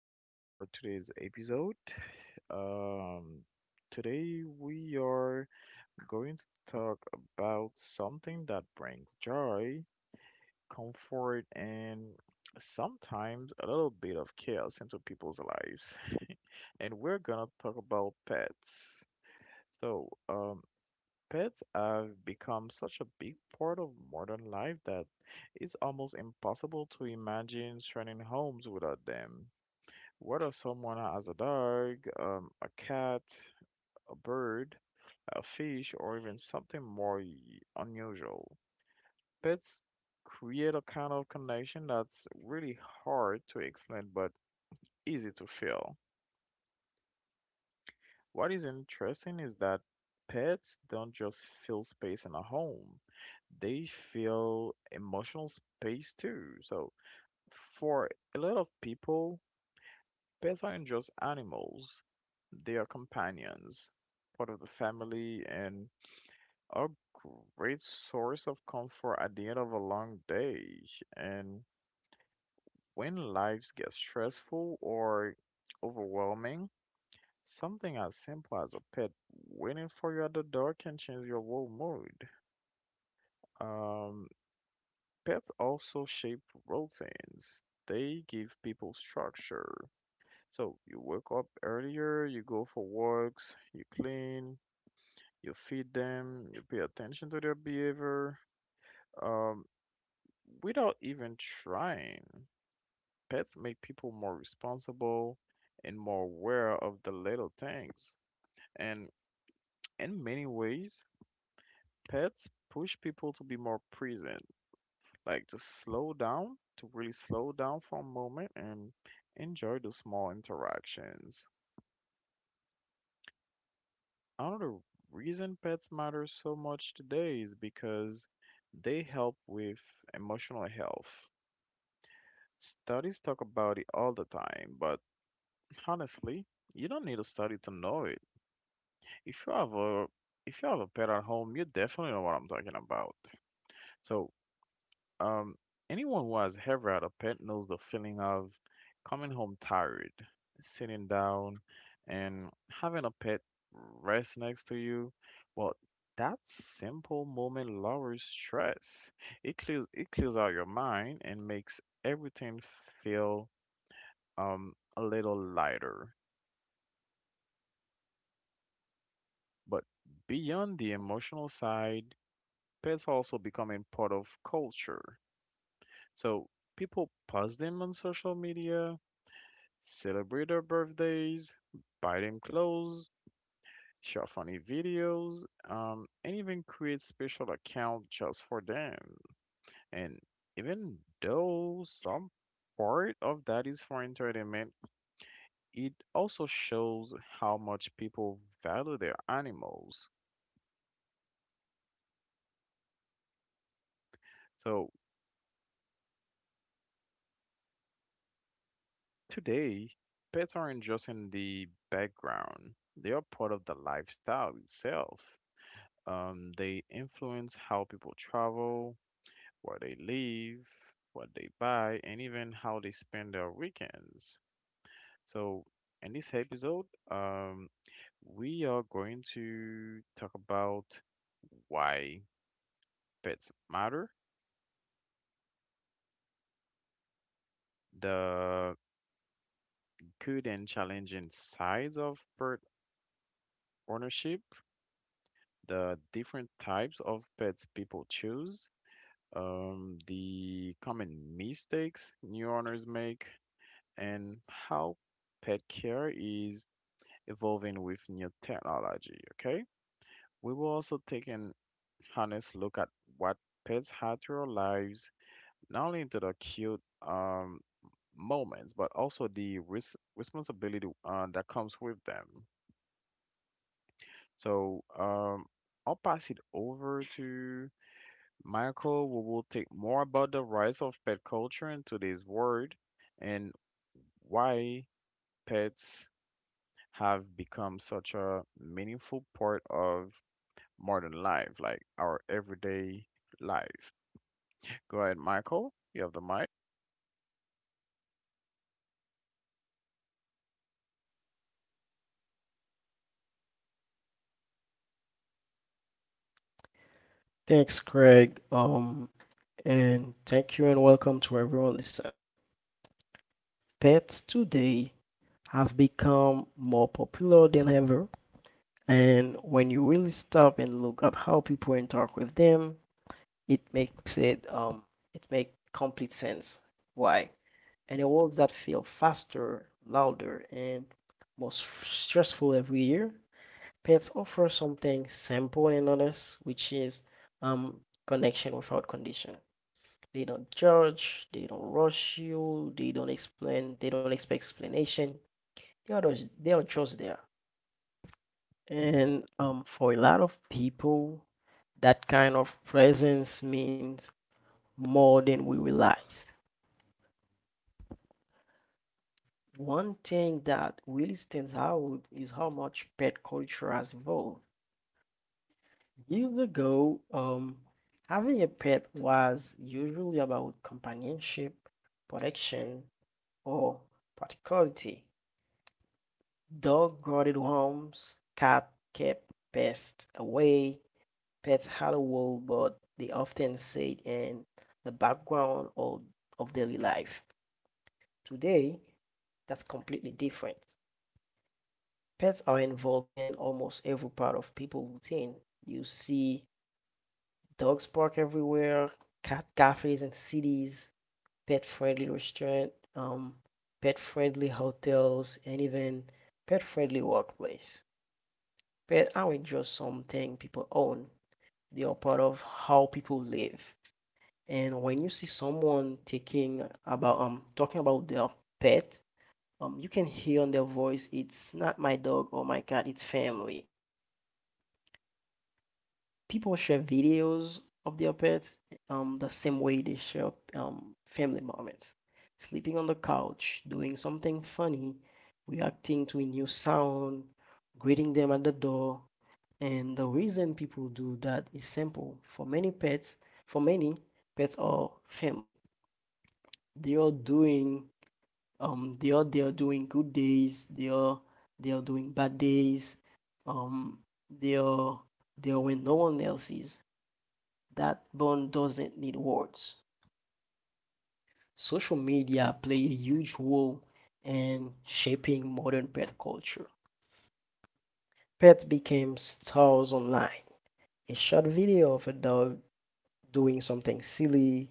joining us for today's episode. Um, Today, we are going to talk about something that brings joy, comfort, and sometimes a little bit of chaos into people's lives. And we're going to talk about pets. So, pets have become such a big part of modern life that it's almost impossible to imagine surrounding homes without them. What if someone has a dog, a cat, a bird, a fish, or even something more unusual? Pets create a kind of connection that's really hard to explain but easy to feel. What is interesting is that pets don't just fill space in a home, they fill emotional space too. So, for a lot of people, pets aren't just animals, they are companions, part of the family, and a great source of comfort at the end of a long day. And when lives get stressful or overwhelming, something as simple as a pet waiting for you at the door can change your whole mood. Um, Pets also shape routines. They give people structure, so you wake up earlier, you go for walks, you clean, you feed them, you pay attention to their behavior. Um, Without even trying, pets make people more responsible and more aware of the little things. And in many ways, pets push people to be more present, like to slow down, to really slow down for a moment and enjoy those small interactions. Another reason pets matter so much today is because they help with emotional health. Studies talk about it all the time, but honestly, you don't need a study to know it. If you have a if you have a pet at home, you definitely know what I'm talking about. So Um, Anyone who has ever had a pet knows the feeling of coming home tired, sitting down, and having a pet rest next to you. Well, that simple moment lowers stress. It clears out your mind and makes everything feel a little lighter. But beyond the emotional side, pets also becoming part of culture. So people post them on social media, celebrate their birthdays, buy them clothes, share funny videos, and even create special account just for them. And even though some part of that is for entertainment, it also shows how much people value their animals. So today, pets aren't just in the background, they are part of the lifestyle itself. They influence how people travel, where they live, what they buy, and even how they spend their weekends. So, in this episode, we are going to talk about why pets matter, the good and challenging sides of pet ownership, the different types of pets people choose, the common mistakes new owners make, and how pet care is evolving with new technology. Okay, we will also take an honest look at what pets had to our lives, not only into the cute um, moments, but also the responsibility that comes with them. So I'll pass it over to Michael. We will take more about the rise of pet culture in today's world and why pets have become such a meaningful part of more than life, like our everyday life. Go ahead, Michael. You have the mic. Thanks, Craig. And thank you and welcome to everyone listening. Pets today have become more popular than ever, and when you really stop and look at how people interact with them, it it makes complete sense. Why? And the worlds that feel faster, louder, and stressful every year, pets offer something simple and honest, which is um connection without condition. They don't judge, they don't rush you, they don't explain, they don't expect explanation. They are just there. And For a lot of people, that kind of presence means more than we realized. One thing that really stands out is how much pet culture has evolved. Years ago, having a pet was usually about companionship, protection, or practicality. Dog-guarded homes, cat kept pests away, pets had a role, but they often stayed in the background of, of daily life. Today, that's completely different. Pets are involved in almost every part of people's routine. You see dogs park everywhere, cat cafes in cities, pet-friendly restaurant, pet-friendly hotels, and even pet-friendly workplace. But I would just something people own. They are part of how people live. And when you see someone taking about talking about their pet, you can hear on their voice it's not my dog or my cat, it's family. People share videos of their pets the same way they share family moments. Sleeping on the couch, doing something funny, reacting to a new sound, greeting them at the door, and the reason people do that is simple. For many pets are family. They are doing they are doing good days, they are doing bad days, um they are they are when no one else is. That bond doesn't need words. Social media play a huge role in shaping modern pet culture. Pets became stars online. A short video of a dog doing something silly,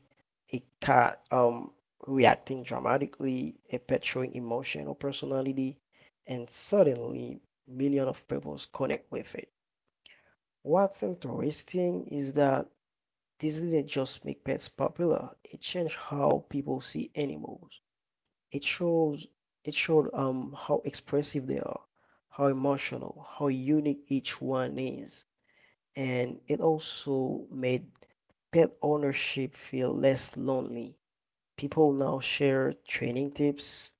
a cat reacting dramatically, a pet showing emotion or personality, and suddenly millions of people connect with it. What's interesting is that this didn't just make pets popular, it changed how people see animals. It shows it showed how expressive they are, how emotional, how unique each one is, and it also made pet ownership feel less lonely. People now share training tips,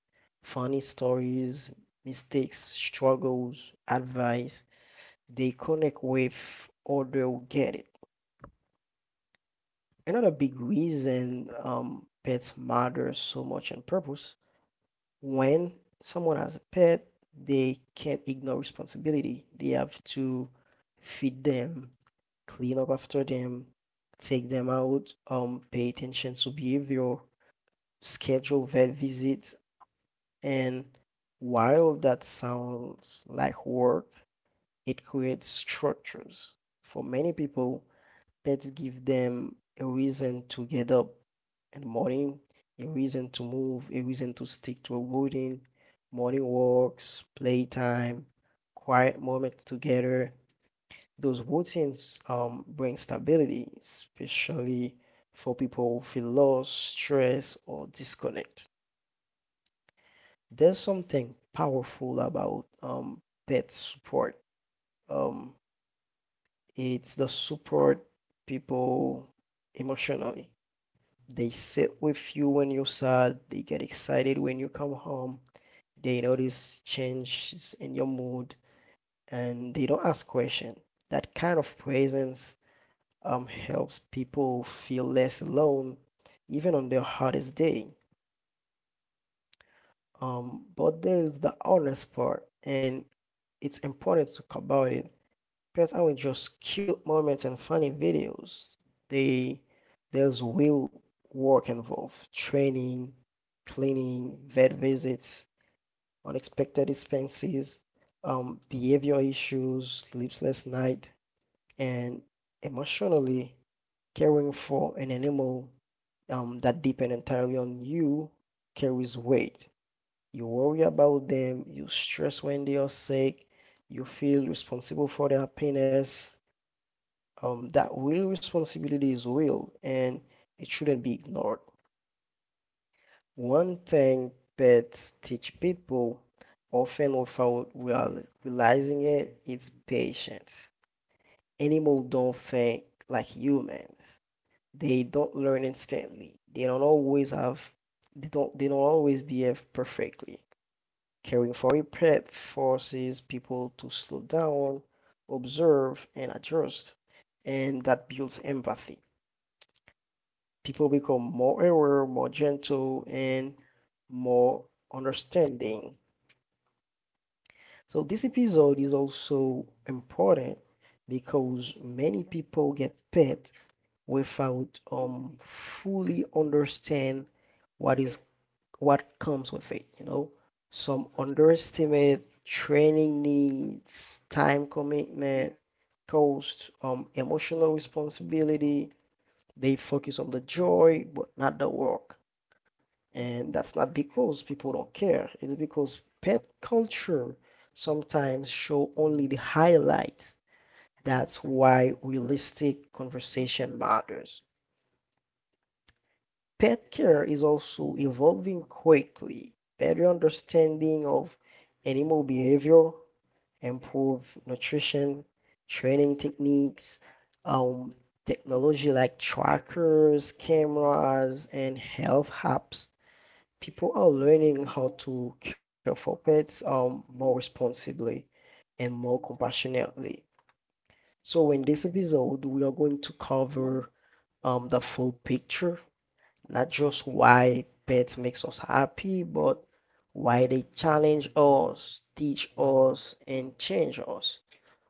funny stories, mistakes, struggles, advice. They connect with other who get it. Another big reason pets matter so much on purpose when someone has a pet, they can't ignore responsibility. They have to feed them, clean up after them, take them out, pay attention to behavior, schedule vet visits, and while that sounds like work, it creates structures. For many people, pets give them a reason to get up in the morning, a reason to move, a reason to stick to a routine, morning walks, playtime, quiet moments together, those routines bring stability, especially for people who feel lost, stress, or disconnect. There's something powerful about pet support. Um, it's the support people emotionally. They sit with you when you're sad, they get excited when you come home, they notice changes in your mood, and they don't ask questions. That kind of presence helps people feel less alone, even on their hardest day. But there's the honest part, and it's important to talk about it because I would just cute moments and funny videos. They there's real work involved, training, cleaning, vet visits, unexpected expenses, behavior issues, sleepless night, and emotionally caring for an animal that depend entirely on you carries weight. You worry about them, you stress when they are sick, you feel responsible for their happiness. That real responsibility is real and it shouldn't be ignored. One thing pets teach people, often without realizing it, is patience. Animals don't think like humans. They don't learn instantly. They don't always behave perfectly. Caring for a pet forces people to slow down, observe, and adjust, and that builds empathy. People become more aware, more gentle, and more understanding. So this episode is also important because many people get pet without fully understand what is what comes with it, you know. Some underestimate training needs, time commitment, cost, emotional responsibility. They focus on the joy, but not the work. And that's not because people don't care. It's because pet culture sometimes show only the highlights. That's why realistic conversation matters. Pet care is also evolving quickly. Better understanding of animal behavior, improved nutrition, training techniques, um, technology like trackers, cameras, and health apps. People are learning how to care for pets more responsibly and more compassionately. So, in this episode, we are going to cover the full picture, not just why pets makes us happy, but why they challenge us, teach us, and change us.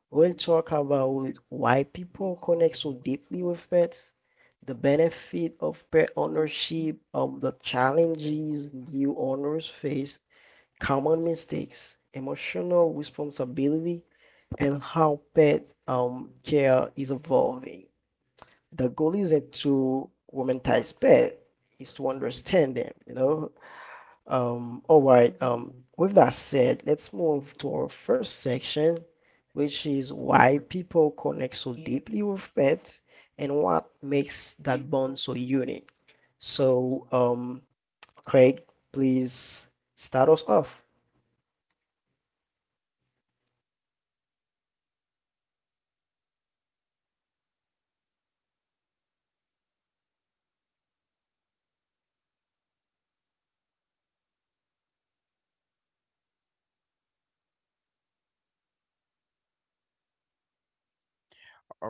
We'll talk about why people connect so deeply with pets, the benefit of pet ownership, the challenges new owners face, common mistakes, emotional responsibility, and how pet care is evolving. The goal isn't to womanize pets; is to understand them, you know. All right, with that said, let's move to our first section, which is why people connect so deeply with pets and what makes that bond so unique. So, Craig, please start us off.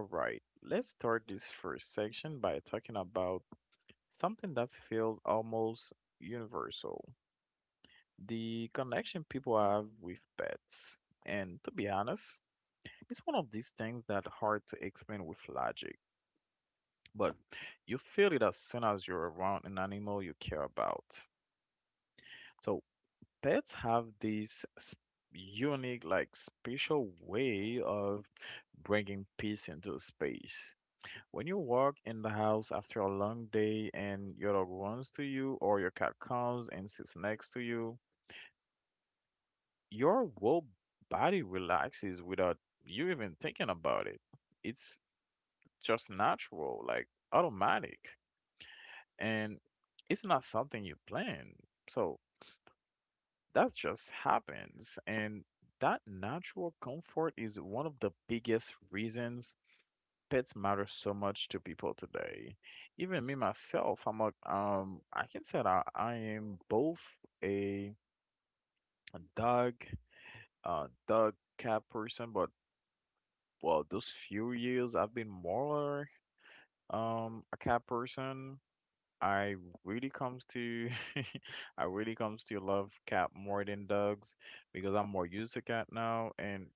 All right, let's start this first section by talking about something that feels almost universal, the connection people have with pets. And to be honest, it's one of these things that hard to explain with logic, but you feel it as soon as you're around an animal you care about. So pets have this unique, like special way of bringing peace into space. When you walk in the house after a long day and your dog runs to you or your cat comes and sits next to you, your whole body relaxes without you even thinking about it. It's just natural, like automatic, and it's not something you plan. So that just happens. And that natural comfort is one of the biggest reasons pets matter so much to people today. Even me myself, I can say that I am both a dog, dog cat person, but well, those few years I've been more a cat person. I really comes to I really comes to love cat more than dogs because I'm more used to cat now, and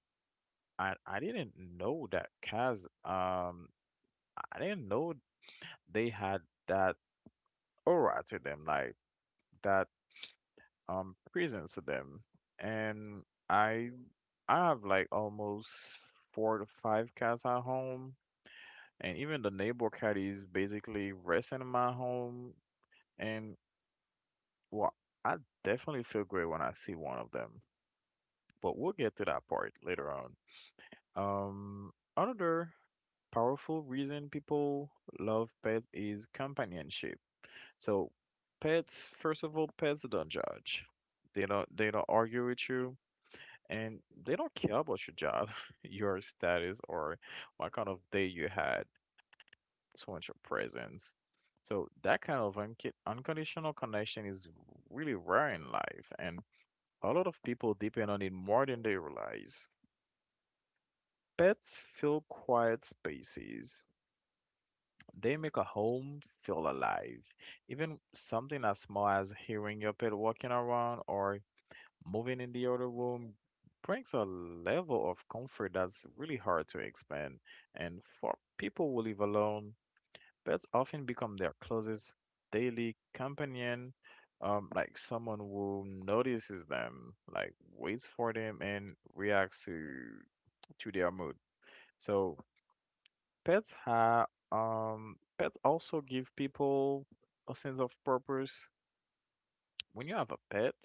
I didn't know that Kaz I didn't know they had that aura to them, like that presence to them. And I I have like almost four to five cats at home, and even the neighbor cat is basically resting in my home, and well, I definitely feel great when I see one of them. But we'll get to that part later on. Another powerful reason people love pets is companionship. So, pets, first of all, pets don't judge. They don't argue with you, and they don't care about your job, your status, or what kind of day you had. So much your presence. So that kind of unconditional connection is really rare in life, and a lot of people depend on it more than they realize. Pets fill quiet spaces. They make a home feel alive. Even something as small as hearing your pet walking around or moving in the other room brings a level of comfort that's really hard to explain. And for people who live alone, pets often become their closest daily companion, like someone who notices them, like waits for them and reacts to their mood. So pets also give people a sense of purpose. When you have a pet,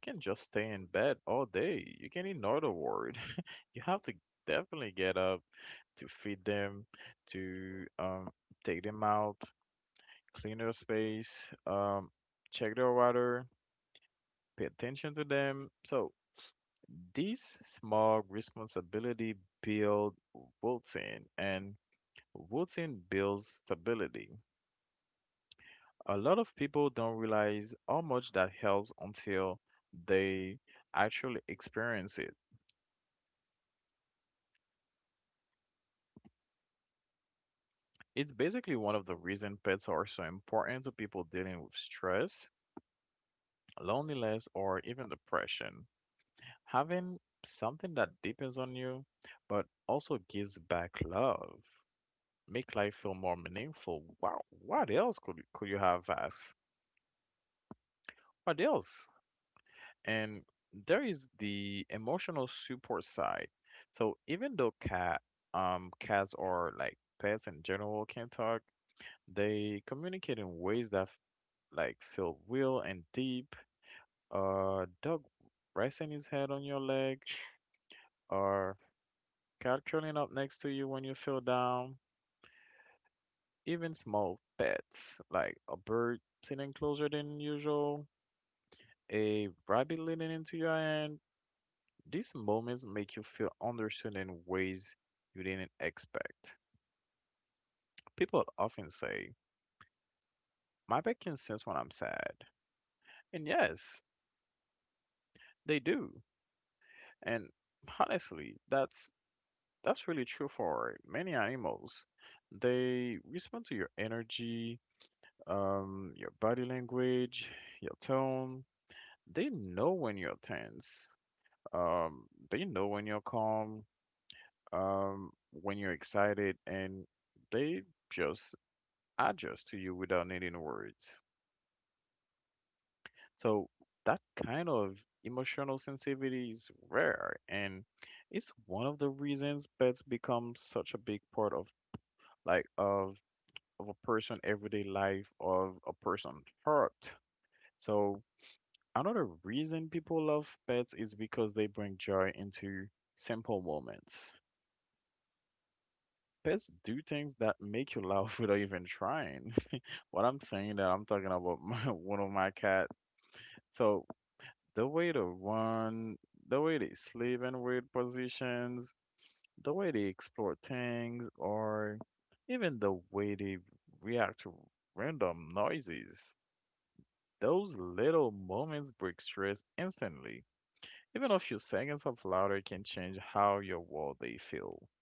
you can just stay in bed all day. You can ignore the world. You have to definitely get up to feed them, to take them out, clean their space, check their water, pay attention to them. So these small responsibility build routine, and routine builds stability. A lot of people don't realize how much that helps until they actually experience it. It's basically one of the reasons pets are so important to people dealing with stress, loneliness, or even depression. Having something that depends on you, but also gives back love, make life feel more meaningful. Wow, what else could you have asked? What else? And there is the emotional support side. So even though cats or like pets in general can talk, they communicate in ways that like feel real and deep. Dog resting his head on your leg, or cat curling up next to you when you feel down. Even small pets like a bird sitting closer than usual, a rabbit leaning into your hand, these moments make you feel understood in ways you didn't expect. People often say, "My pet can sense when I'm sad." And yes, they do. And honestly, that's really true for many animals. They respond to your energy, your body language, your tone. They know when you're tense. Um, they know when you're calm, when you're excited, and they just adjust to you without needing words. So that kind of emotional sensitivity is rare, and it's one of the reasons pets become such a big part of like of of a person everyday life, of a person's heart. So another reason people love pets is because they bring joy into simple moments. Pets do things that make you laugh without even trying. What I'm saying that I'm talking about my, one of my cat. So the way they run, the way they sleep in weird positions, the way they explore things, or even the way they react to random noises. Those little moments break stress instantly. Even a few seconds of laughter can change how your world they feel.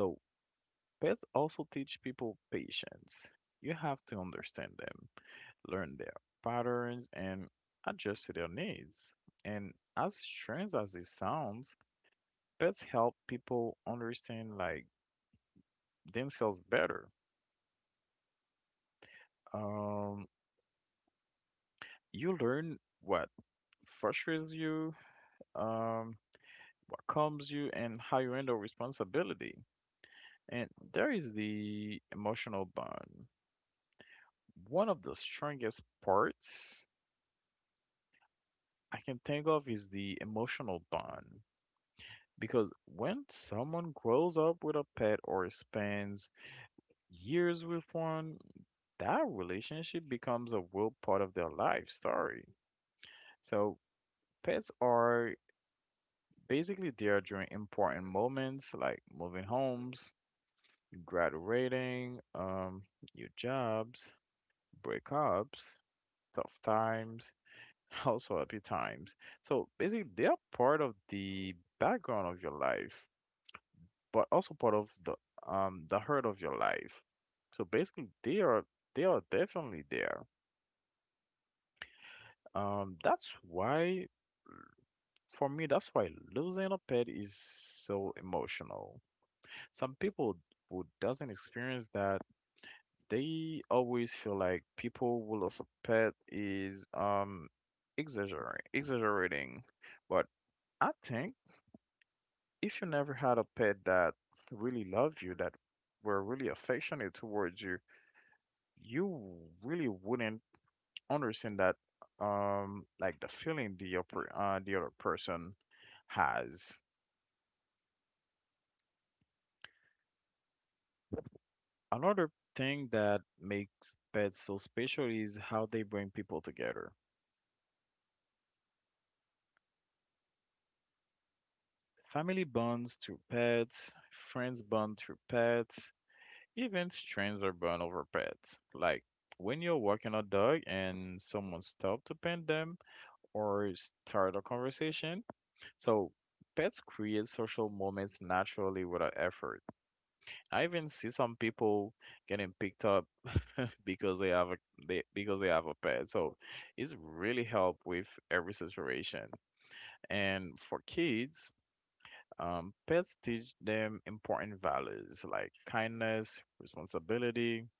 So pets also teach people patience. You have to understand them, learn their patterns, and adjust to their needs. And as strange as it sounds, pets help people understand like themselves better. Um, you learn what frustrates you, um, what calms you, and how you handle responsibility. And there is the emotional bond. One of the strongest parts I can think of is the emotional bond. Because when someone grows up with a pet or spends years with one, that relationship becomes a real part of their life story. So pets are basically there during important moments like moving homes, graduating, new jobs, breakups, tough times, also happy times. So basically, they are part of the background of your life, but also part of the heart of your life. So basically, they are definitely there. That's why for me, that's why losing a pet is so emotional. Some people who doesn't experience that, they always feel like people will suspect is exaggerating, but I think if you never had a pet that really loved you, that were really affectionate towards you, you really wouldn't understand that, like the feeling the other person has. Another thing that makes pets so special is how they bring people together. Family bonds through pets, friends bond through pets, even strangers bond over pets. Like when you're walking a dog and someone stops to pet them or start a conversation. So pets create social moments naturally without effort. I even see some people getting picked up because they have a because they have a pet. So it's really help with every situation. And for kids, pets teach them important values like kindness, responsibility,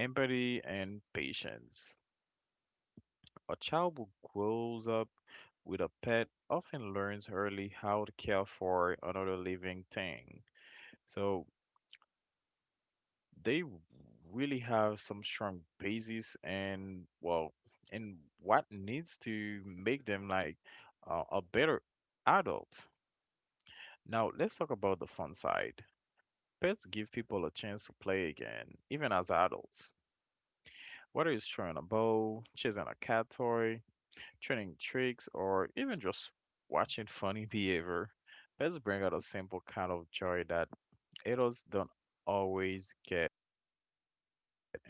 empathy, and patience. A child who grows up with a pet often learns early how to care for another living thing. So they really have some strong basis and, well, and what needs to make them like a better adult. Now let's talk about the fun side. Pets give people a chance to play again, even as adults. Whether it's throwing a bow, chasing a cat toy, training tricks, or even just watching funny behavior, pets bring out a simple kind of joy that adults don't always get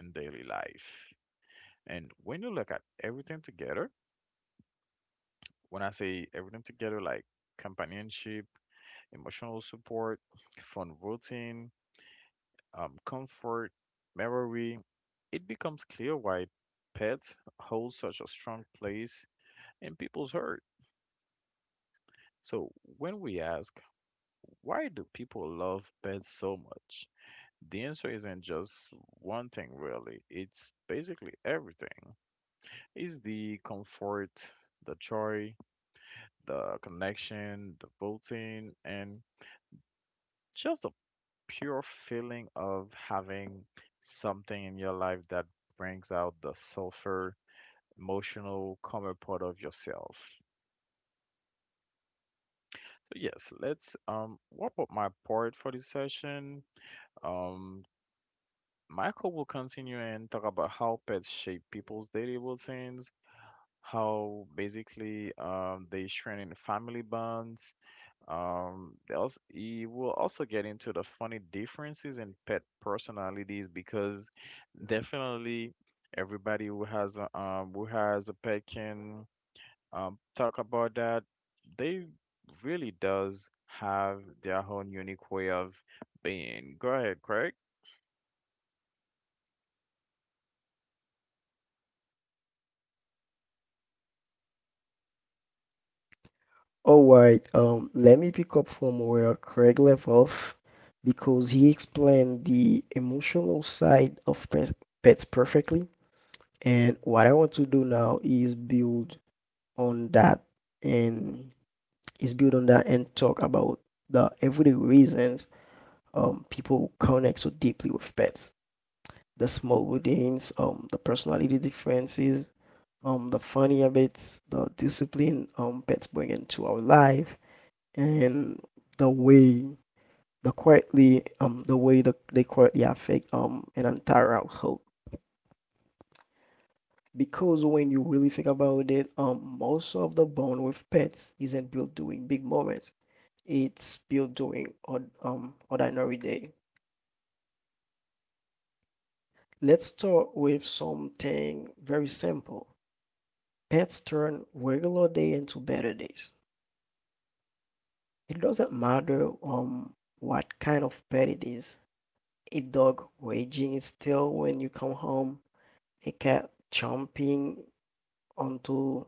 in daily life. And when you look at everything together, when I say everything together, like companionship, emotional support, fun routine, comfort, memory, it becomes clear why pets hold such a strong place in people's heart. So, when we ask, why do people love pets so much? The answer isn't just one thing, really. It's basically everything. It's the comfort, the joy, the connection, the voting, and just the pure feeling of having something in your life that brings out the sulfur emotional calmer part of yourself. So yes, let's wrap up my part for this session. Um, Michael will continue and talk about how pets shape people's daily routines, how basically they strengthen family bonds. They also, he will also get into the funny differences in pet personalities because definitely everybody who has a pet can talk about that, they really does have their own unique way of being. Go ahead, Craig. All right, let me pick up from where Craig left off because he explained the emotional side of pets perfectly. And what I want to do now is build on that and is build on that and talk about the everyday reasons people connect so deeply with pets. The small routines, the personality differences, the funny habits, the discipline pets bring into our life and the way the quietly the way that they quietly affect an entire household. Because when you really think about it, most of the bond with pets isn't built during big moments. It's built during ordinary day. Let's start with something very simple. Pets turn regular day into better days. It doesn't matter what kind of pet it is. A dog raging is still when you come home, a cat jumping onto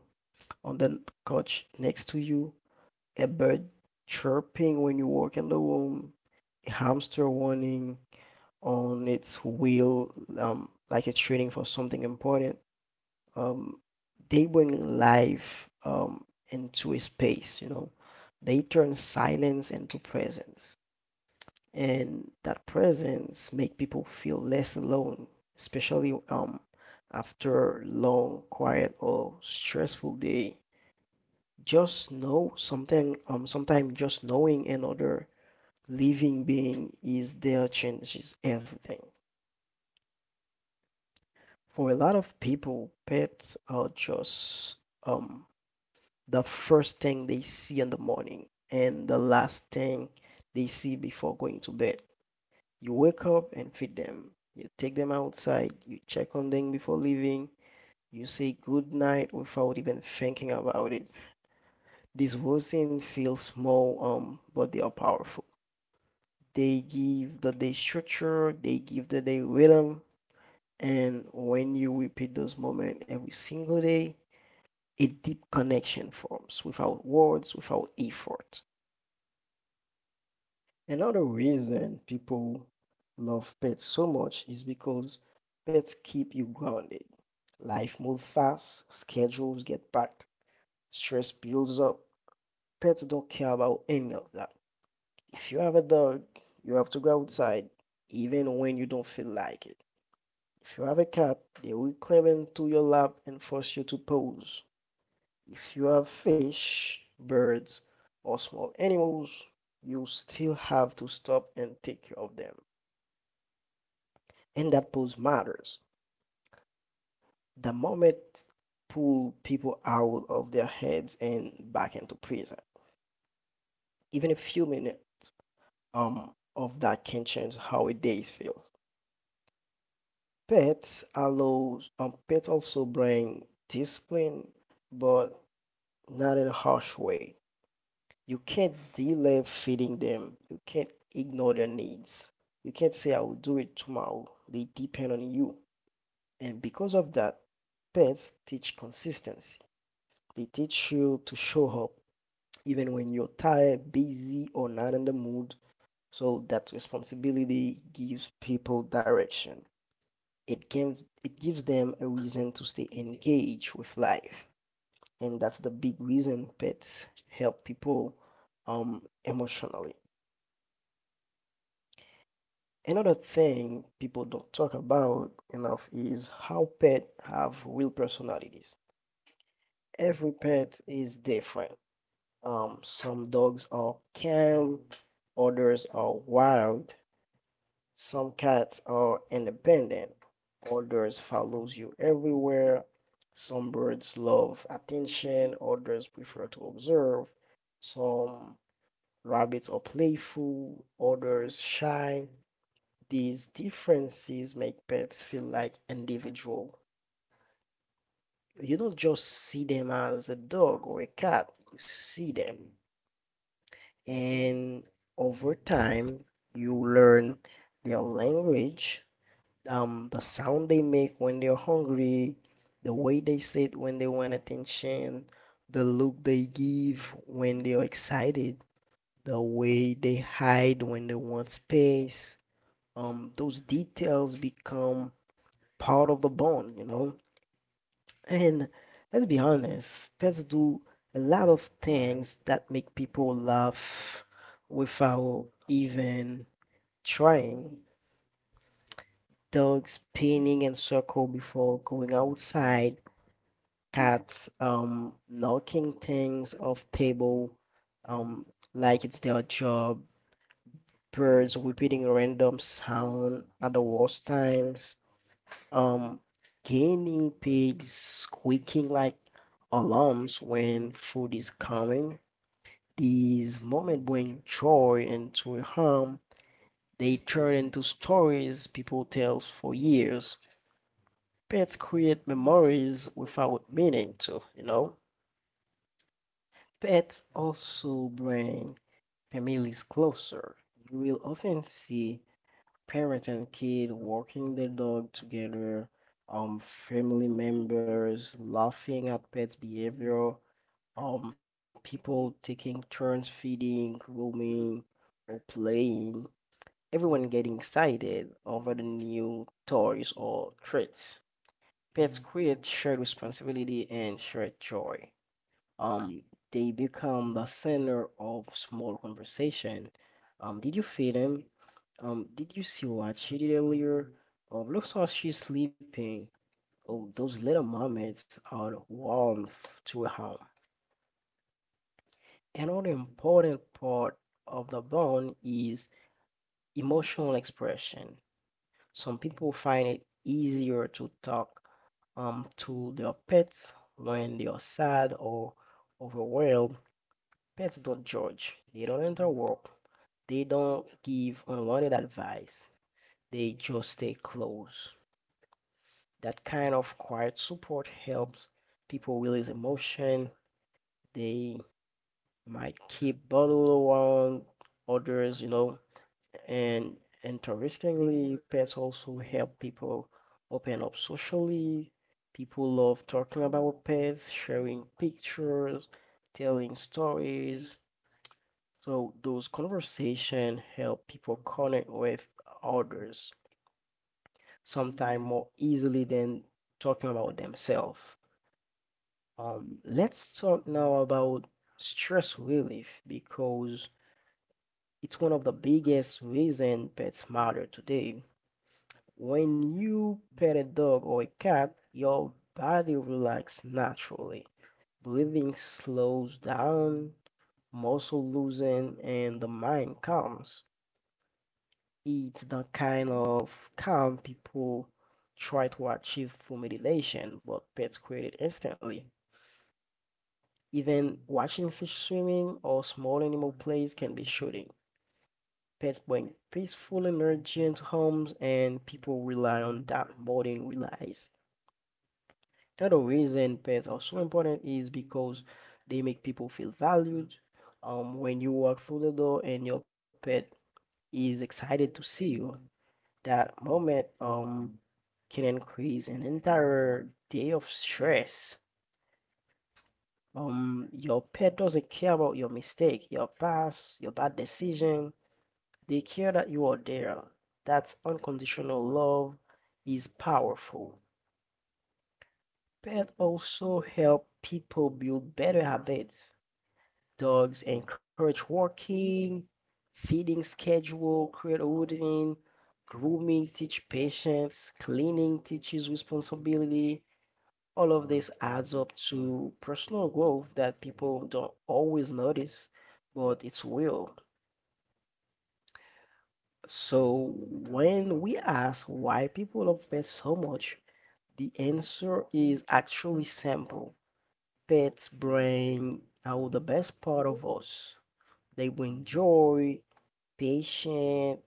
on the couch next to you, a bird chirping when you walk in the room, a hamster running on its wheel, like it's training for something important. Um, they bring life into a space, you know. They turn silence into presence and that presence make people feel less alone, especially after long, quiet or stressful day. Just know something sometimes just knowing another living being is there changes everything. For a lot of people, pets are just um the first thing they see in the morning and the last thing they see before going to bed. You wake up and feed them. You take them outside. You check on them before leaving. You say good night without even thinking about it. These routines feel small, but they are powerful. They give the day structure, they give the day rhythm, and when you repeat those moments every single day, a deep connection forms without words, without effort. Another reason people love pets so much is because pets keep you grounded. Life moves fast, schedules get packed, stress builds up. Pets don't care about any of that. If you have a dog, you have to go outside even when you don't feel like it. If you have a cat, they will climb into your lap and force you to pose. If you have fish, birds, or small animals, you still have to stop and take care of them. And that pause matters. The moment pull people out of their heads and back into present. Even a few minutes um, of that can change how a day feels. Pets also bring discipline, but not in a harsh way. You can't delay feeding them. You can't ignore their needs. You can't say I will do it tomorrow. They depend on you. And because of that, pets teach consistency. They teach you to show up even when you're tired, busy, or not in the mood. So that responsibility gives people direction. It gives them a reason to stay engaged with life. And that's the big reason pets help people emotionally. Another thing people don't talk about enough is how pets have real personalities. Every pet is different. Some dogs are calm, others are wild. Some cats are independent, others follows you everywhere. Some birds love attention, others prefer to observe. Some rabbits are playful, others shy. These differences make pets feel like individual. You don't just see them as a dog or a cat, you see them, and over time you learn their language, the sound they make when they're hungry, the way they sit when they want attention, the look they give when they're excited, the way they hide when they want space. Those details become part of the bond. And let's be honest, pets do a lot of things that make people laugh without even trying. Dogs spinning in circle before going outside, cats knocking things off table, um like it's their job, birds repeating random sound at the worst times. Um, Guinea pigs squeaking like alarms when food is coming. These moments bring joy into harm. They turn into stories people tell for years. Pets create memories without meaning to. Pets also bring families closer. You will often see parent and kid walking their dog together, family members laughing at pets' behavior, people taking turns feeding, grooming, or playing, everyone getting excited over the new toys or treats. Pets create shared responsibility and shared joy. Um, they become the center of small conversation. Did you feed him? Did you see what she did earlier? Oh, looks like she's sleeping. Oh, those little mermaids are warmth to a home. Another important part of the bond is emotional expression. Some people find it easier to talk to their pets when they are sad or overwhelmed. Pets don't judge. They don't interrupt. They don't give unwanted advice. They just stay close. That kind of quiet support helps people release emotion they might keep bottled around others. And interestingly, pets also help people open up socially. People love talking about pets, sharing pictures, telling stories, so those conversations help people connect with others sometimes more easily than talking about themselves. Let's talk now about stress relief because it's one of the biggest reason pets matter today. When you pet a dog or a cat, your body relaxes naturally. Breathing slows down, muscle loosen, and the mind calms. It's the kind of calm people try to achieve through meditation, but pets create it instantly. Even watching fish swimming or small animal plays can be soothing. Pets bring peaceful energy into homes, and people rely on that more than realize. Another reason pets are so important is because they make people feel valued. When you walk through the door and your pet is excited to see you, that moment can increase an entire day of stress. Your pet doesn't care about your mistake, your past, your bad decision. They care that you are there. That unconditional love is powerful. Pets also help people build better habits. Dogs encourage walking, feeding schedule, create a routine, grooming teach patience, cleaning teaches responsibility. All of this adds up to personal growth that people don't always notice, but it's real. So when we ask why people love pets so much, the answer is actually simple. Pets bring out the best part of us. They bring joy, patience,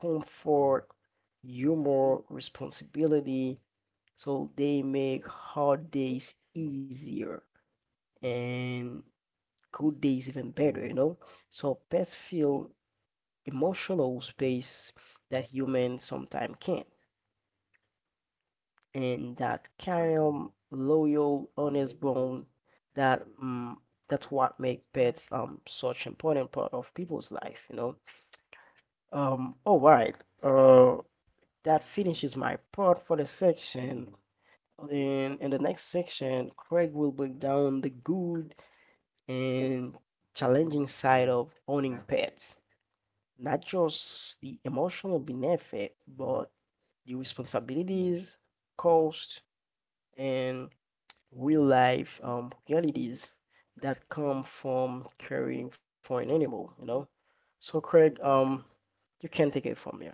comfort, humor, responsibility. So they make hard days easier and good days even better, you know? So pets feel emotional space that humans sometimes can't. And that calm, loyal, honest bone, that um, that's what make pets such important part of people's life, you know. All right. Uh, that finishes my part for the section. Then in the next section, Craig will break down the good and challenging side of owning pets, not just the emotional benefit, but the responsibilities, cost, and real life realities that come from caring for an animal, you know? So, Craig, you can take it from here.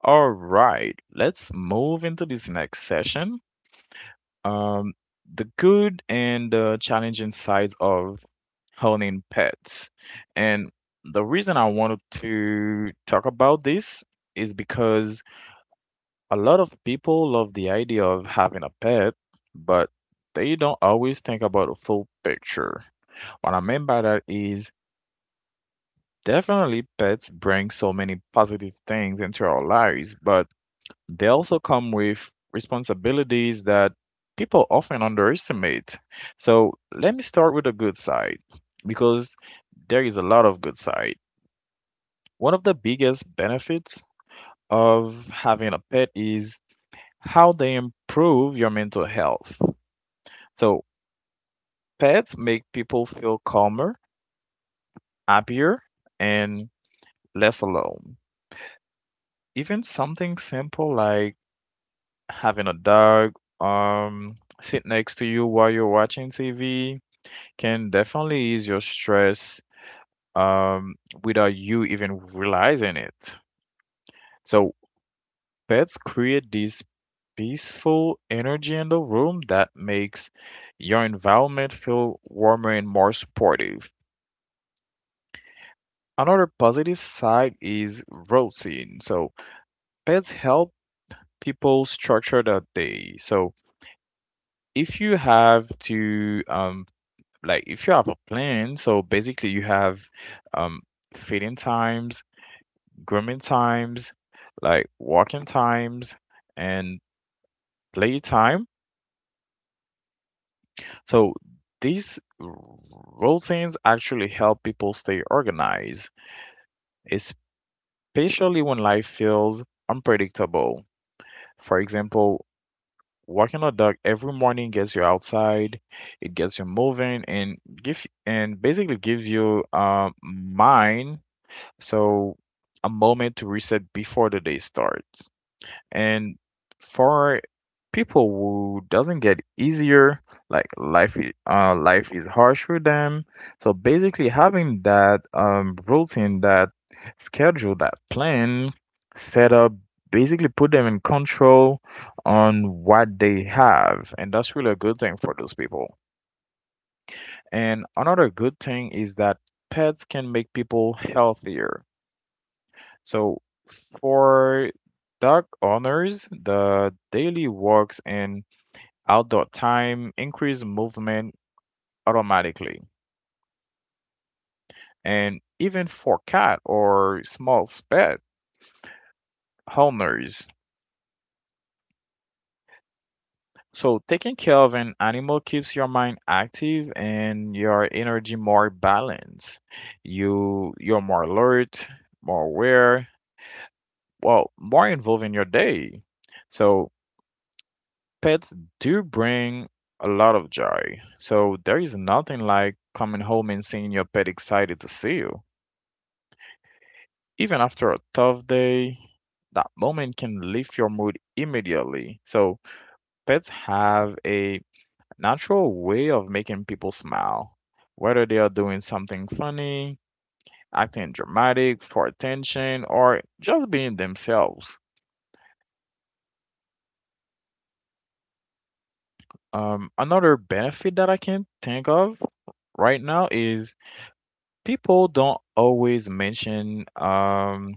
All right, let's move into this next session. Um, the good and the challenging sides of owning pets. And the reason I wanted to talk about this is because a lot of people love the idea of having a pet, but they don't always think about a full picture. What I mean by that is definitely pets bring so many positive things into our lives, but they also come with responsibilities that people often underestimate. So let me start with the good side because there is a lot of good side. One of the biggest benefits of having a pet is how they improve your mental health. So pets make people feel calmer, happier, and less alone. Even something simple like having a dog um sit next to you while you're watching TV can definitely ease your stress um without you even realizing it. So pets create this peaceful energy in the room that makes your environment feel warmer and more supportive. Another positive side is routine. So pets help people structure their day. So if you have to like if you have a plan, so basically you have um feeding times, grooming times, like walking times, and play time. So these routines actually help people stay organized, especially when life feels unpredictable. For example, walking a dog every morning gets you outside, it gets you moving and give and basically gives you mind, so a moment to reset before the day starts. And for people who doesn't get easier, like life is harsh for them, so basically having that routine, that schedule, that plan set up basically put them in control on what they have, and that's really a good thing for those people. And another good thing is that pets can make people healthier. So for dog owners, the daily walks and outdoor time increase movement automatically, and even for cat or small pet owners. So taking care of an animal keeps your mind active and your energy more balanced. You're more alert, more aware, well, more involved in your day. So pets do bring a lot of joy, so there is nothing like coming home and seeing your pet excited to see you. Even after a tough day, that moment can lift your mood immediately. So, pets have a natural way of making people smile, whether they are doing something funny, acting dramatic for attention, or just being themselves. Another benefit that I can think of right now is people don't always mention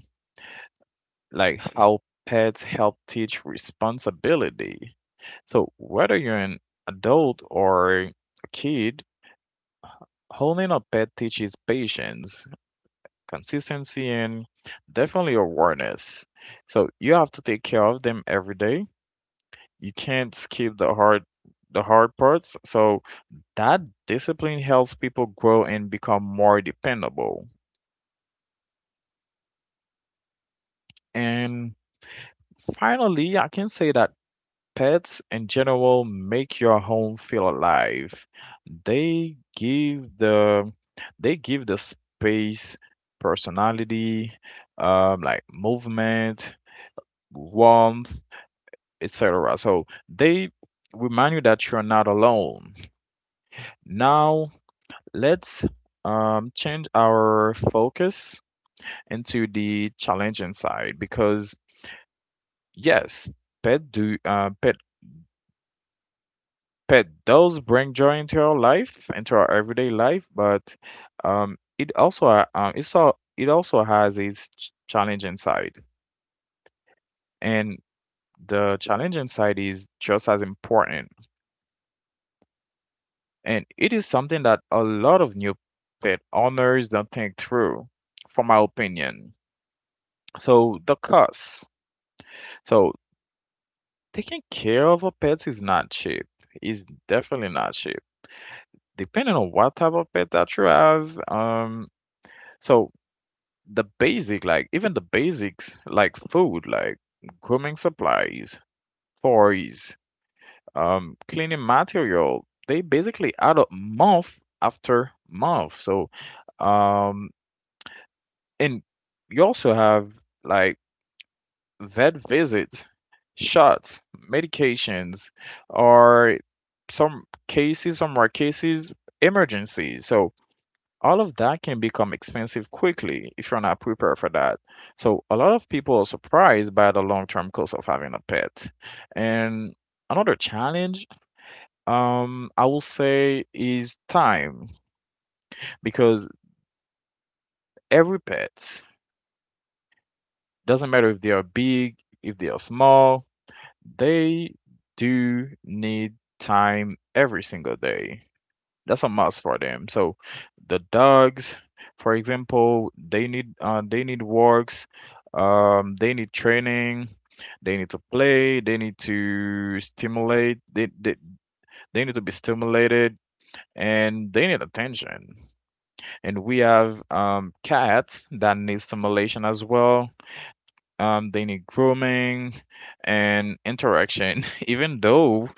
like how pets help teach responsibility. So whether you're an adult or a kid, holding a pet teaches patience, consistency, and definitely awareness. So you have to take care of them every day. You can't skip the hard parts. So that discipline helps people grow and become more dependable. And finally, I can say that pets in general make your home feel alive. They give the they give the space personality, like movement, warmth, etc. So they remind you that you're not alone. Now let's change our focus into the challenging side because yes, pet do pet pet does bring joy into our life, into our everyday life, but it also ha- it's all, it also has its challenging side, and the challenging side is just as important. And it is something that a lot of new pet owners don't think through, from my opinion. So the cost. So taking care of a pet is not cheap. It's definitely not cheap, depending on what type of pet that you have. So the basic like even the basics like food, like grooming supplies, toys, cleaning material, they basically add up month after month. So um and you also have like vet visits, shots, medications, or some cases, some rare cases, emergencies. So all of that can become expensive quickly if you're not prepared for that. So a lot of people are surprised by the long-term cost of having a pet. And another challenge, I will say, is time because every pet, doesn't matter if they are big, if they are small, they do need time every single day. That's a must for them. So the dogs, for example, they need walks, they need training, they need to play, they need to be stimulated, and they need attention. And we have cats that need stimulation as well. They need grooming and interaction. Even though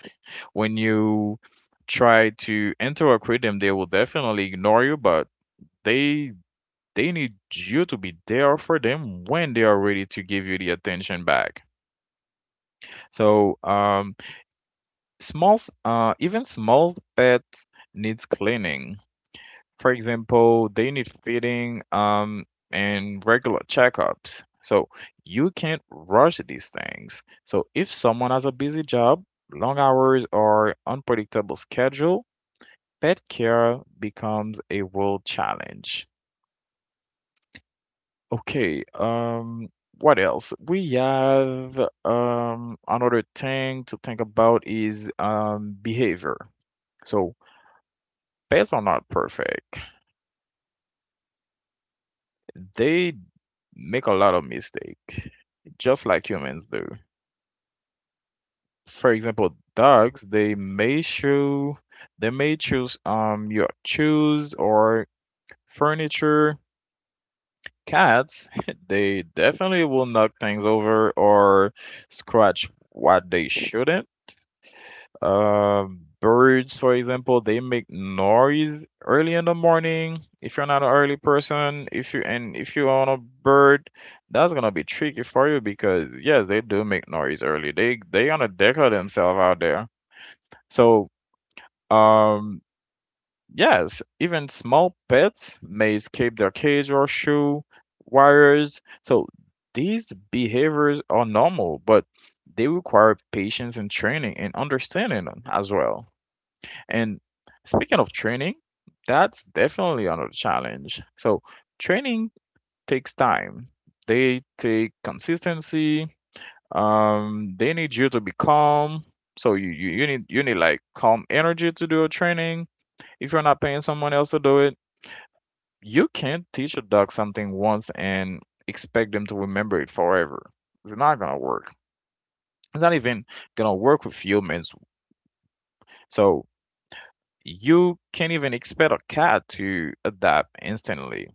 when you try to interact with them, they will definitely ignore you, but they they need you to be there for them when they are ready to give you the attention back. So, even small pets needs cleaning. For example, they need feeding, and regular checkups. So you can't rush these things. So if someone has a busy job, long hours, or unpredictable schedule, pet care becomes a real challenge. Okay, what else? We have another thing to think about is behavior. So pets are not perfect. They make a lot of mistake, just like humans do. For example, dogs, they may choose your shoes or furniture. Cats, they definitely will knock things over or scratch what they shouldn't. Birds, for example, they make noise early in the morning. If you're not an early person, if you own a bird, that's gonna be tricky for you because yes, they do make noise early. They gonna declare themselves out there. So um yes, even small pets may escape their cage or shoe wires. So these behaviors are normal, but they require patience and training and understanding as well. And speaking of training, that's definitely another challenge. So, training takes time. They take consistency. They need you to be calm. So you need like calm energy to do a training. If you're not paying someone else to do it, you can't teach a dog something once and expect them to remember it forever. It's not gonna work. It's not even gonna work with humans. So you can't even expect a cat to adapt instantly.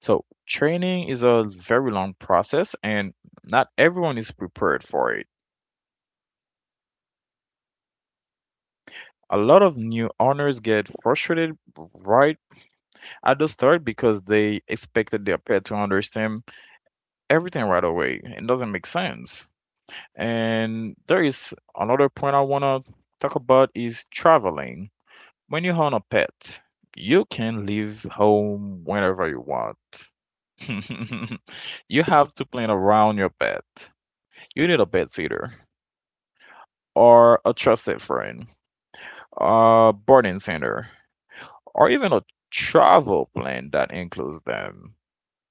So, training is a very long process, and not everyone is prepared for it. A lot of new owners get frustrated right at the start because they expected their pet to understand everything right away. It doesn't make sense. And there is another point I want to talk about is traveling. When you own a pet, you can leave home whenever you want. You have to plan around your pet. You need a pet sitter or a trusted friend, a boarding center, or even a travel plan that includes them.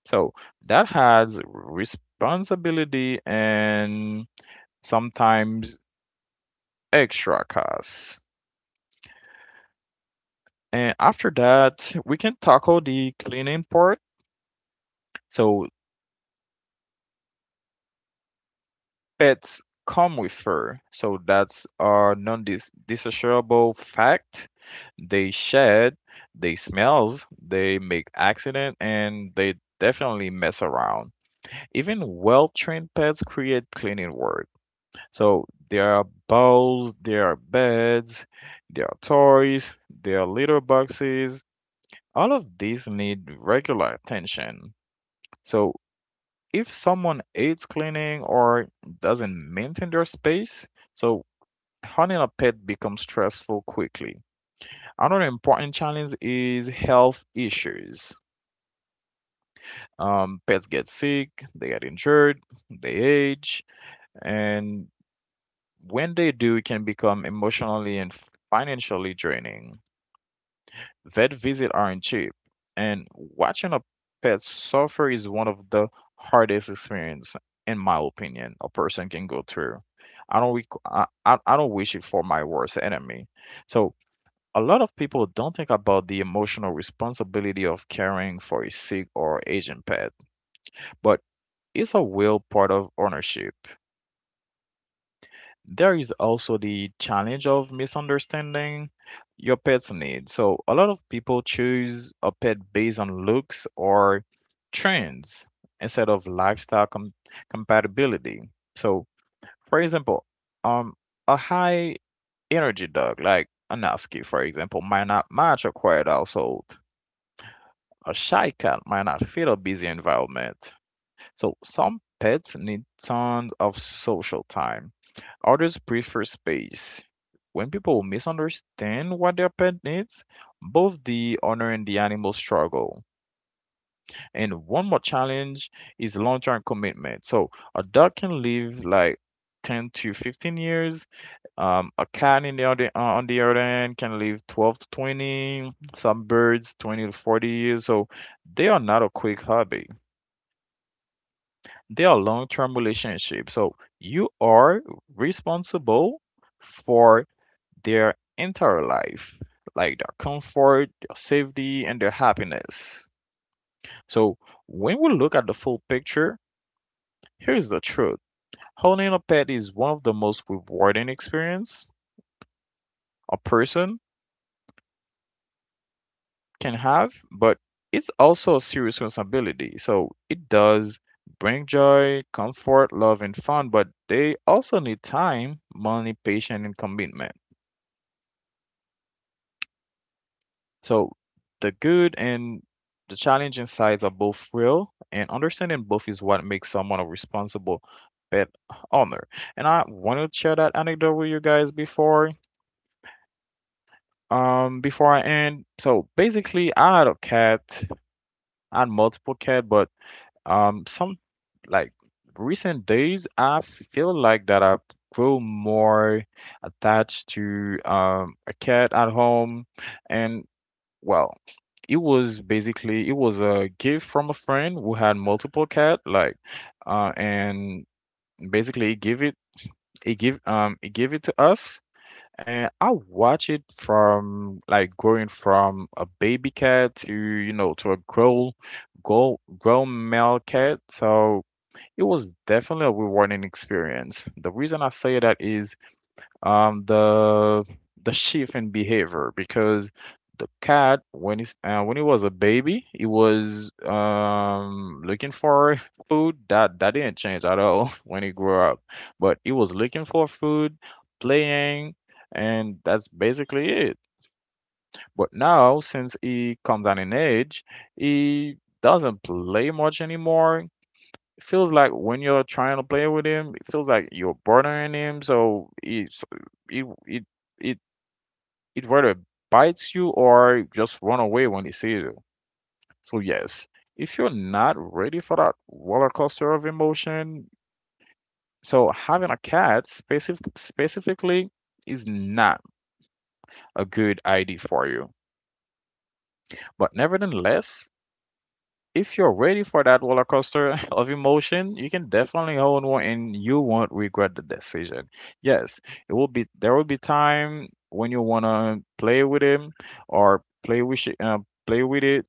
So that has responsibility and sometimes extra costs. And after that, we can tackle the cleaning part. So pets come with fur, so that's a non-dissociable fact. They shed, they smells, they make accident, and they definitely mess around. Even well-trained pets create cleaning work. So there are bowls, there are beds, there are toys, there are litter boxes. All of these need regular attention. So if someone hates cleaning or doesn't maintain their space, so hunting a pet becomes stressful quickly. Another important challenge is health issues. Pets get sick, they get injured, they age, and when they do, it can become emotionally and financially draining. Vet visits aren't cheap, and watching a pet suffer is one of the hardest experience, in my opinion, a person can go through. I don't rec- I don't wish it for my worst enemy. So a lot of people don't think about the emotional responsibility of caring for a sick or aging pet, but it's a real part of ownership. There is also the challenge of misunderstanding your pet's needs. So, a lot of people choose a pet based on looks or trends instead of compatibility. So, for example, um, a high energy dog like a Husky, for example, might not match a quiet household. A shy cat might not fit a busy environment. So some pets need tons of social time. Others prefer space. When people misunderstand what their pet needs, both the owner and the animal struggle. And one more challenge is long term commitment. So a dog can live like 10 to 15 years. A cat in on the other end can live 12 to 20. Some birds 20 to 40 years. So they are not a quick hobby. They are long-term relationships. So you are responsible for their entire life, like their comfort, their safety, and their happiness. So when we look at the full picture, here's the truth. Owning a pet is one of the most rewarding experience a person can have, but it's also a serious responsibility. So it does bring joy, comfort, love, and fun, but they also need time, money, patience, and commitment. So the good and the challenging sides are both real, and understanding both is what makes someone a responsible pet owner. And I want to share that anecdote with you guys before I end. So basically, I had a cat, I had multiple cat, but some like recent days, I feel like that I grow more attached to a cat at home, and well, it was basically it was a gift from a friend who had multiple cat, and basically he gave it he give he gave it to us. And I watch it from like growing from a baby cat to to a grown male cat. So it was definitely a rewarding experience. The reason I say that is the shift in behavior because the cat when it's when it was a baby, it was looking for food. That didn't change at all when it grew up, but it was looking for food, playing, and that's basically it. But now since he comes at an age, he doesn't play much anymore. It feels like when you're trying to play with him, it feels like you're bothering him. So it it it it rather bites you or just run away when he sees you. So yes, if you're not ready for that roller coaster of emotion, so having a cat specifically is not a good idea for you. But nevertheless, if you're ready for that roller coaster of emotion, you can definitely own one and you won't regret the decision. Yes, it will be there will be time when you want to play with him or play with it.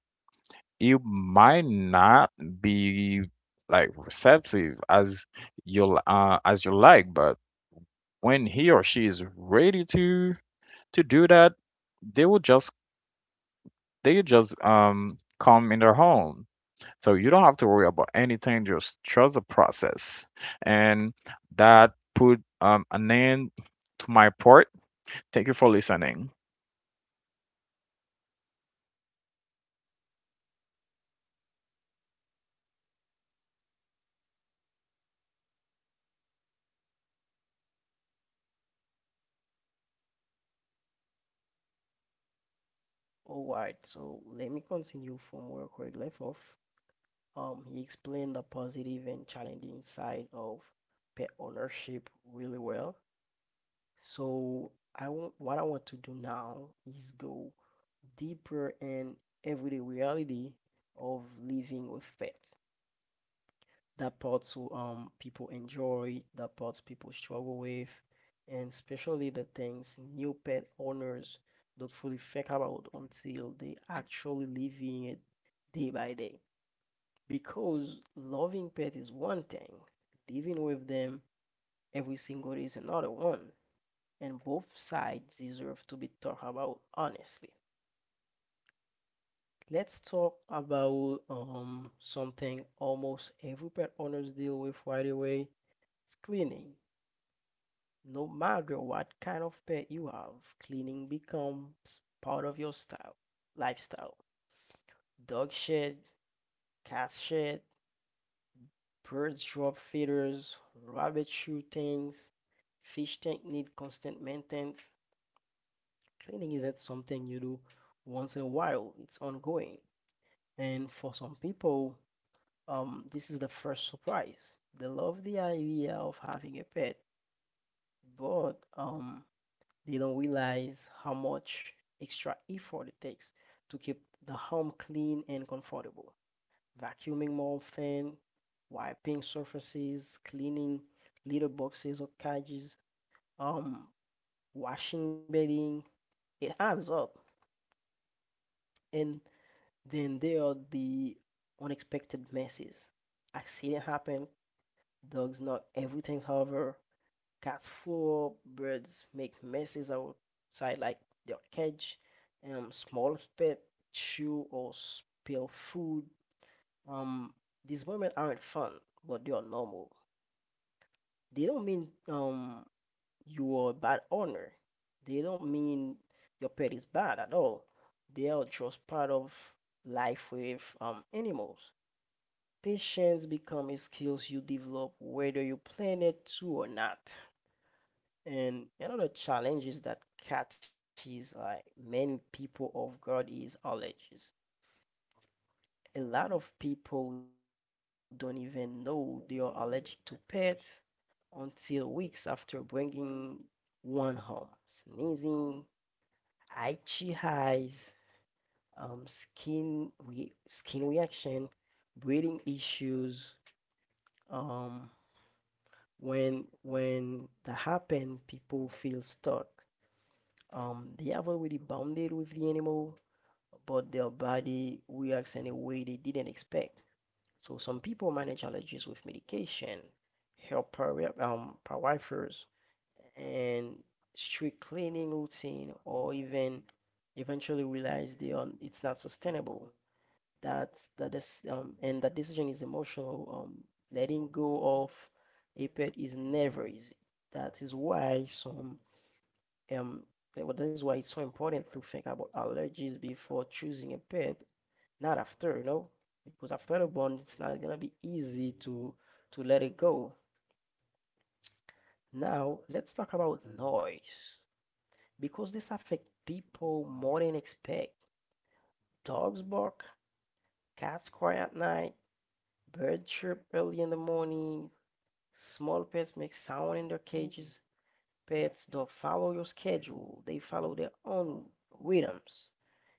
You might not be like receptive as as you like, but when he or she is ready to do that, they will just they just come in their home. So you don't have to worry about anything, just trust the process. And that put an end to my part. Thank you for listening. All right, so let me continue from where Craig left off. He explained the positive and challenging side of pet ownership really well. So, I want what I want to do now is go deeper in everyday reality of living with pets. That parts will, people enjoy, that parts people struggle with, and especially the things new pet owners don't fully think about until they actually living it day by day. Because loving pet is one thing, living with them every single day is another one, and both sides deserve to be talked about honestly. Let's talk about something almost every pet owners deal with right away. It's cleaning. No matter what kind of pet you have, cleaning becomes part of your style lifestyle. Dog shed, cat shed, birds drop feeders, rabbits chew things, fish tank need constant maintenance. Cleaning isn't something you do once in a while, it's ongoing. And for some people, this is the first surprise. They love the idea of having a pet, but they don't realize how much extra effort it takes to keep the home clean and comfortable. Vacuuming more often, wiping surfaces, cleaning litter boxes or cages, um, washing bedding, it adds up. And then there are the unexpected messes. Accident happen, dogs knock everything over, cause four birds make messes outside like their cage. Small pet chew or spill food. Um, these moments aren't fun, but they are normal. They don't mean you are a bad owner. They don't mean your pet is bad at all. They are just part of life with animals. Patience becomes a skills you develop whether you plan it to or not. And another challenge is that catches like many people of God is allergies. A lot of people don't even know they are allergic to pets until weeks after bringing one home. Sneezing, itchy eyes, skin reaction, breathing issues. Um, when that happens, people feel stuck. They have already bonded with the animal, but their body reacts in a way they didn't expect. So some people manage allergies with medication, help pariah, pariphers, and strict cleaning routine, or even eventually realize they are it's not sustainable. That is and that decision is emotional. Letting go of a pet is never easy. That is why some um well, that is why it's so important to think about allergies before choosing a pet not after, you know, because after the bond, it's not gonna be easy to let it go. Now, let's talk about noise because this affects people more than expect. Dogs bark, cats cry at night, birds chirp early in the morning, small pets make sound in their cages. Pets don't follow your schedule; they follow their own rhythms.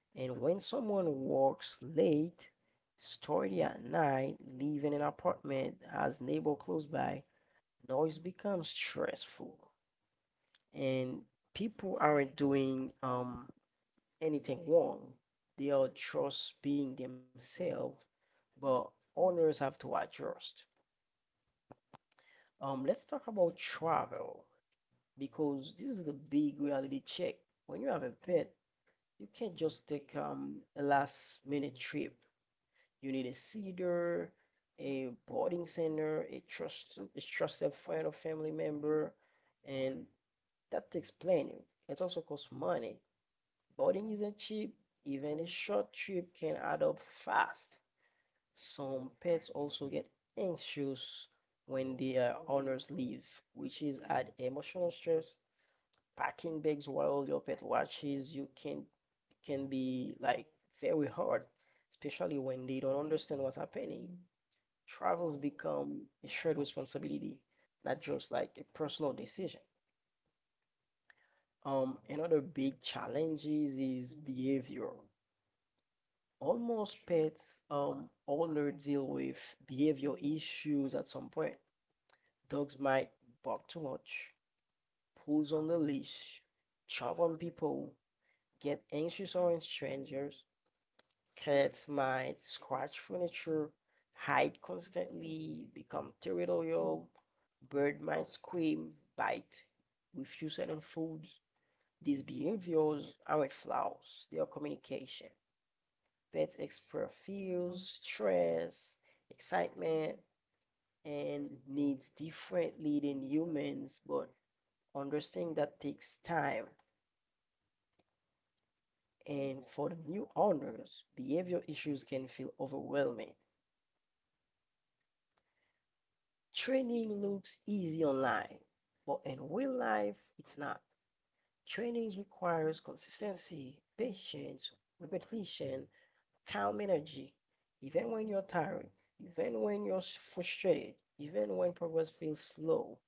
And when someone works late, starting at night, leaving an apartment as neighbor close by, noise becomes stressful. And people aren't doing anything wrong. They are just being themselves, but owners have to adjust. Let's talk about travel because this is the big reality check. When you have a pet, you can't just take a last minute trip. You need a cedar, a boarding center, a trusted friend or family member, and that takes planning. It also costs money. Boarding isn't cheap. Even a short trip can add up fast. Some pets also get anxious when their owners leave, which is add emotional stress. Packing bags while your pet watches you can be like very hard, especially when they don't understand what's happening. Travels become a shared responsibility, not just like a personal decision. Another big challenge is behavior. Almost pets owner deal with behavior issues at some point. Dogs might bark too much, pulls on the leash, chop on people, get anxious around strangers. Cats might scratch furniture, hide constantly, become territorial. Bird might scream, bite, refuse certain foods. These behaviors aren't flaws, they are communication. Pets express fears, stress, excitement, and needs differently than humans, but understanding that takes time. And for the new owners, behavior issues can feel overwhelming. Training looks easy online, but in real life, it's not. Training requires consistency, patience, repetition, calm energy, even when you're tired, even when you're frustrated, even when progress feels slow.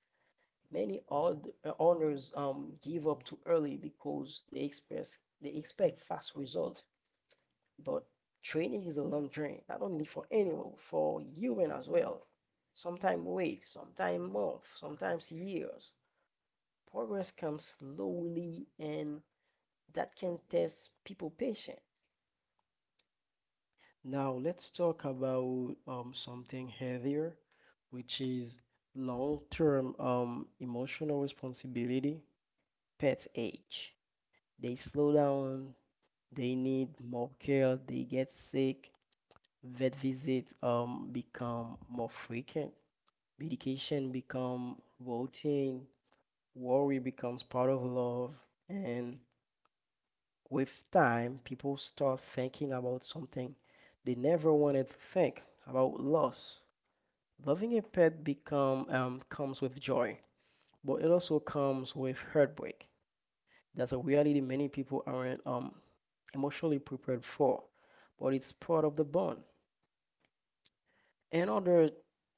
Many odd owners give up too early because they expect fast results. But training is a long journey, not only for animal, for human as well. Sometimes weeks, sometimes months, sometimes years. Progress comes slowly and that can test people patient. Now let's talk about something heavier, which is long-term emotional responsibility. Pets age. They slow down, they need more care, they get sick, vet visits become more frequent, medication become routine, worry becomes part of love, and with time, people start thinking about something they never wanted to think about loss. Loving a pet become comes with joy, but it also comes with heartbreak. That's a reality many people aren't emotionally prepared for, but it's part of the bond. Another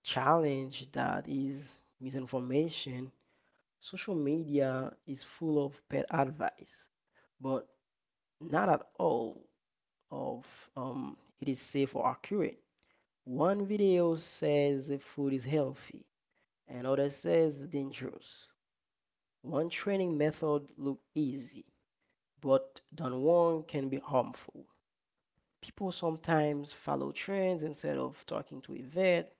challenge that is misinformation. Social media is full of pet advice, but not at all of it is safe or accurate. One video says the food is healthy, another says dangerous. One training method looks easy, but done wrong can be harmful. People sometimes follow trends instead of talking to a vet,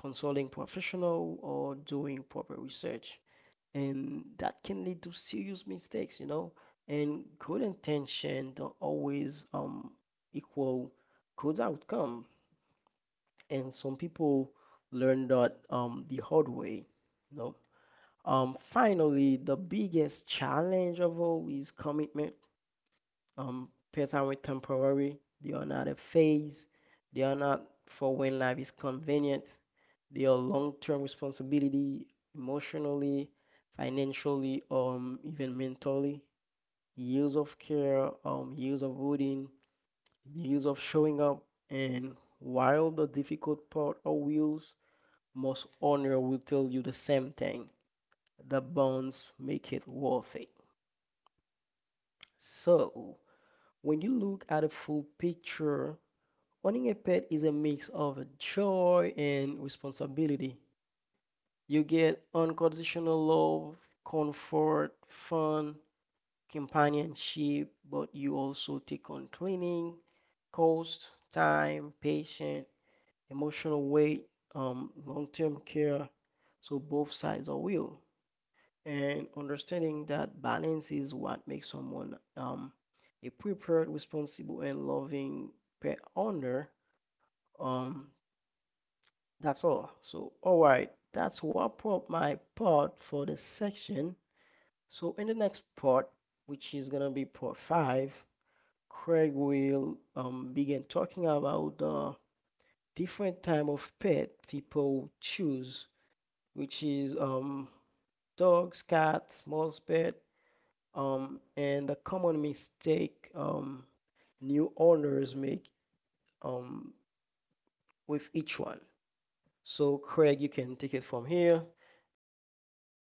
consulting professional, or doing proper research, and that can lead to serious mistakes, you know. And good intention don't always equal good outcome. And some people learn that the hard way. You know. Finally, the biggest challenge of all is commitment. Pets are temporary. They are not a phase. They are not for when life is convenient. They are long-term responsibility, emotionally, financially, even mentally. Years of care, years of routine, years of showing up, and while the difficult part are wheels most owner will tell you the same thing. The bonds make it worth it. So, when you look at a full picture, owning a pet is a mix of joy and responsibility. You get unconditional love, comfort, fun, companionship, but you also take on cleaning, cost, time, patience, emotional weight, long-term care. So both sides are real. And understanding that balance is what makes someone a prepared, responsible, and loving pet owner. Um, that's all. So, all right, that's what up my part for this section. So, in the next part, which is gonna be part 5, Craig will begin talking about the different type of pet people choose, which is dogs, cats, small pet, and a common mistake new owners make, um, with each one. So, Craig, you can take it from here. And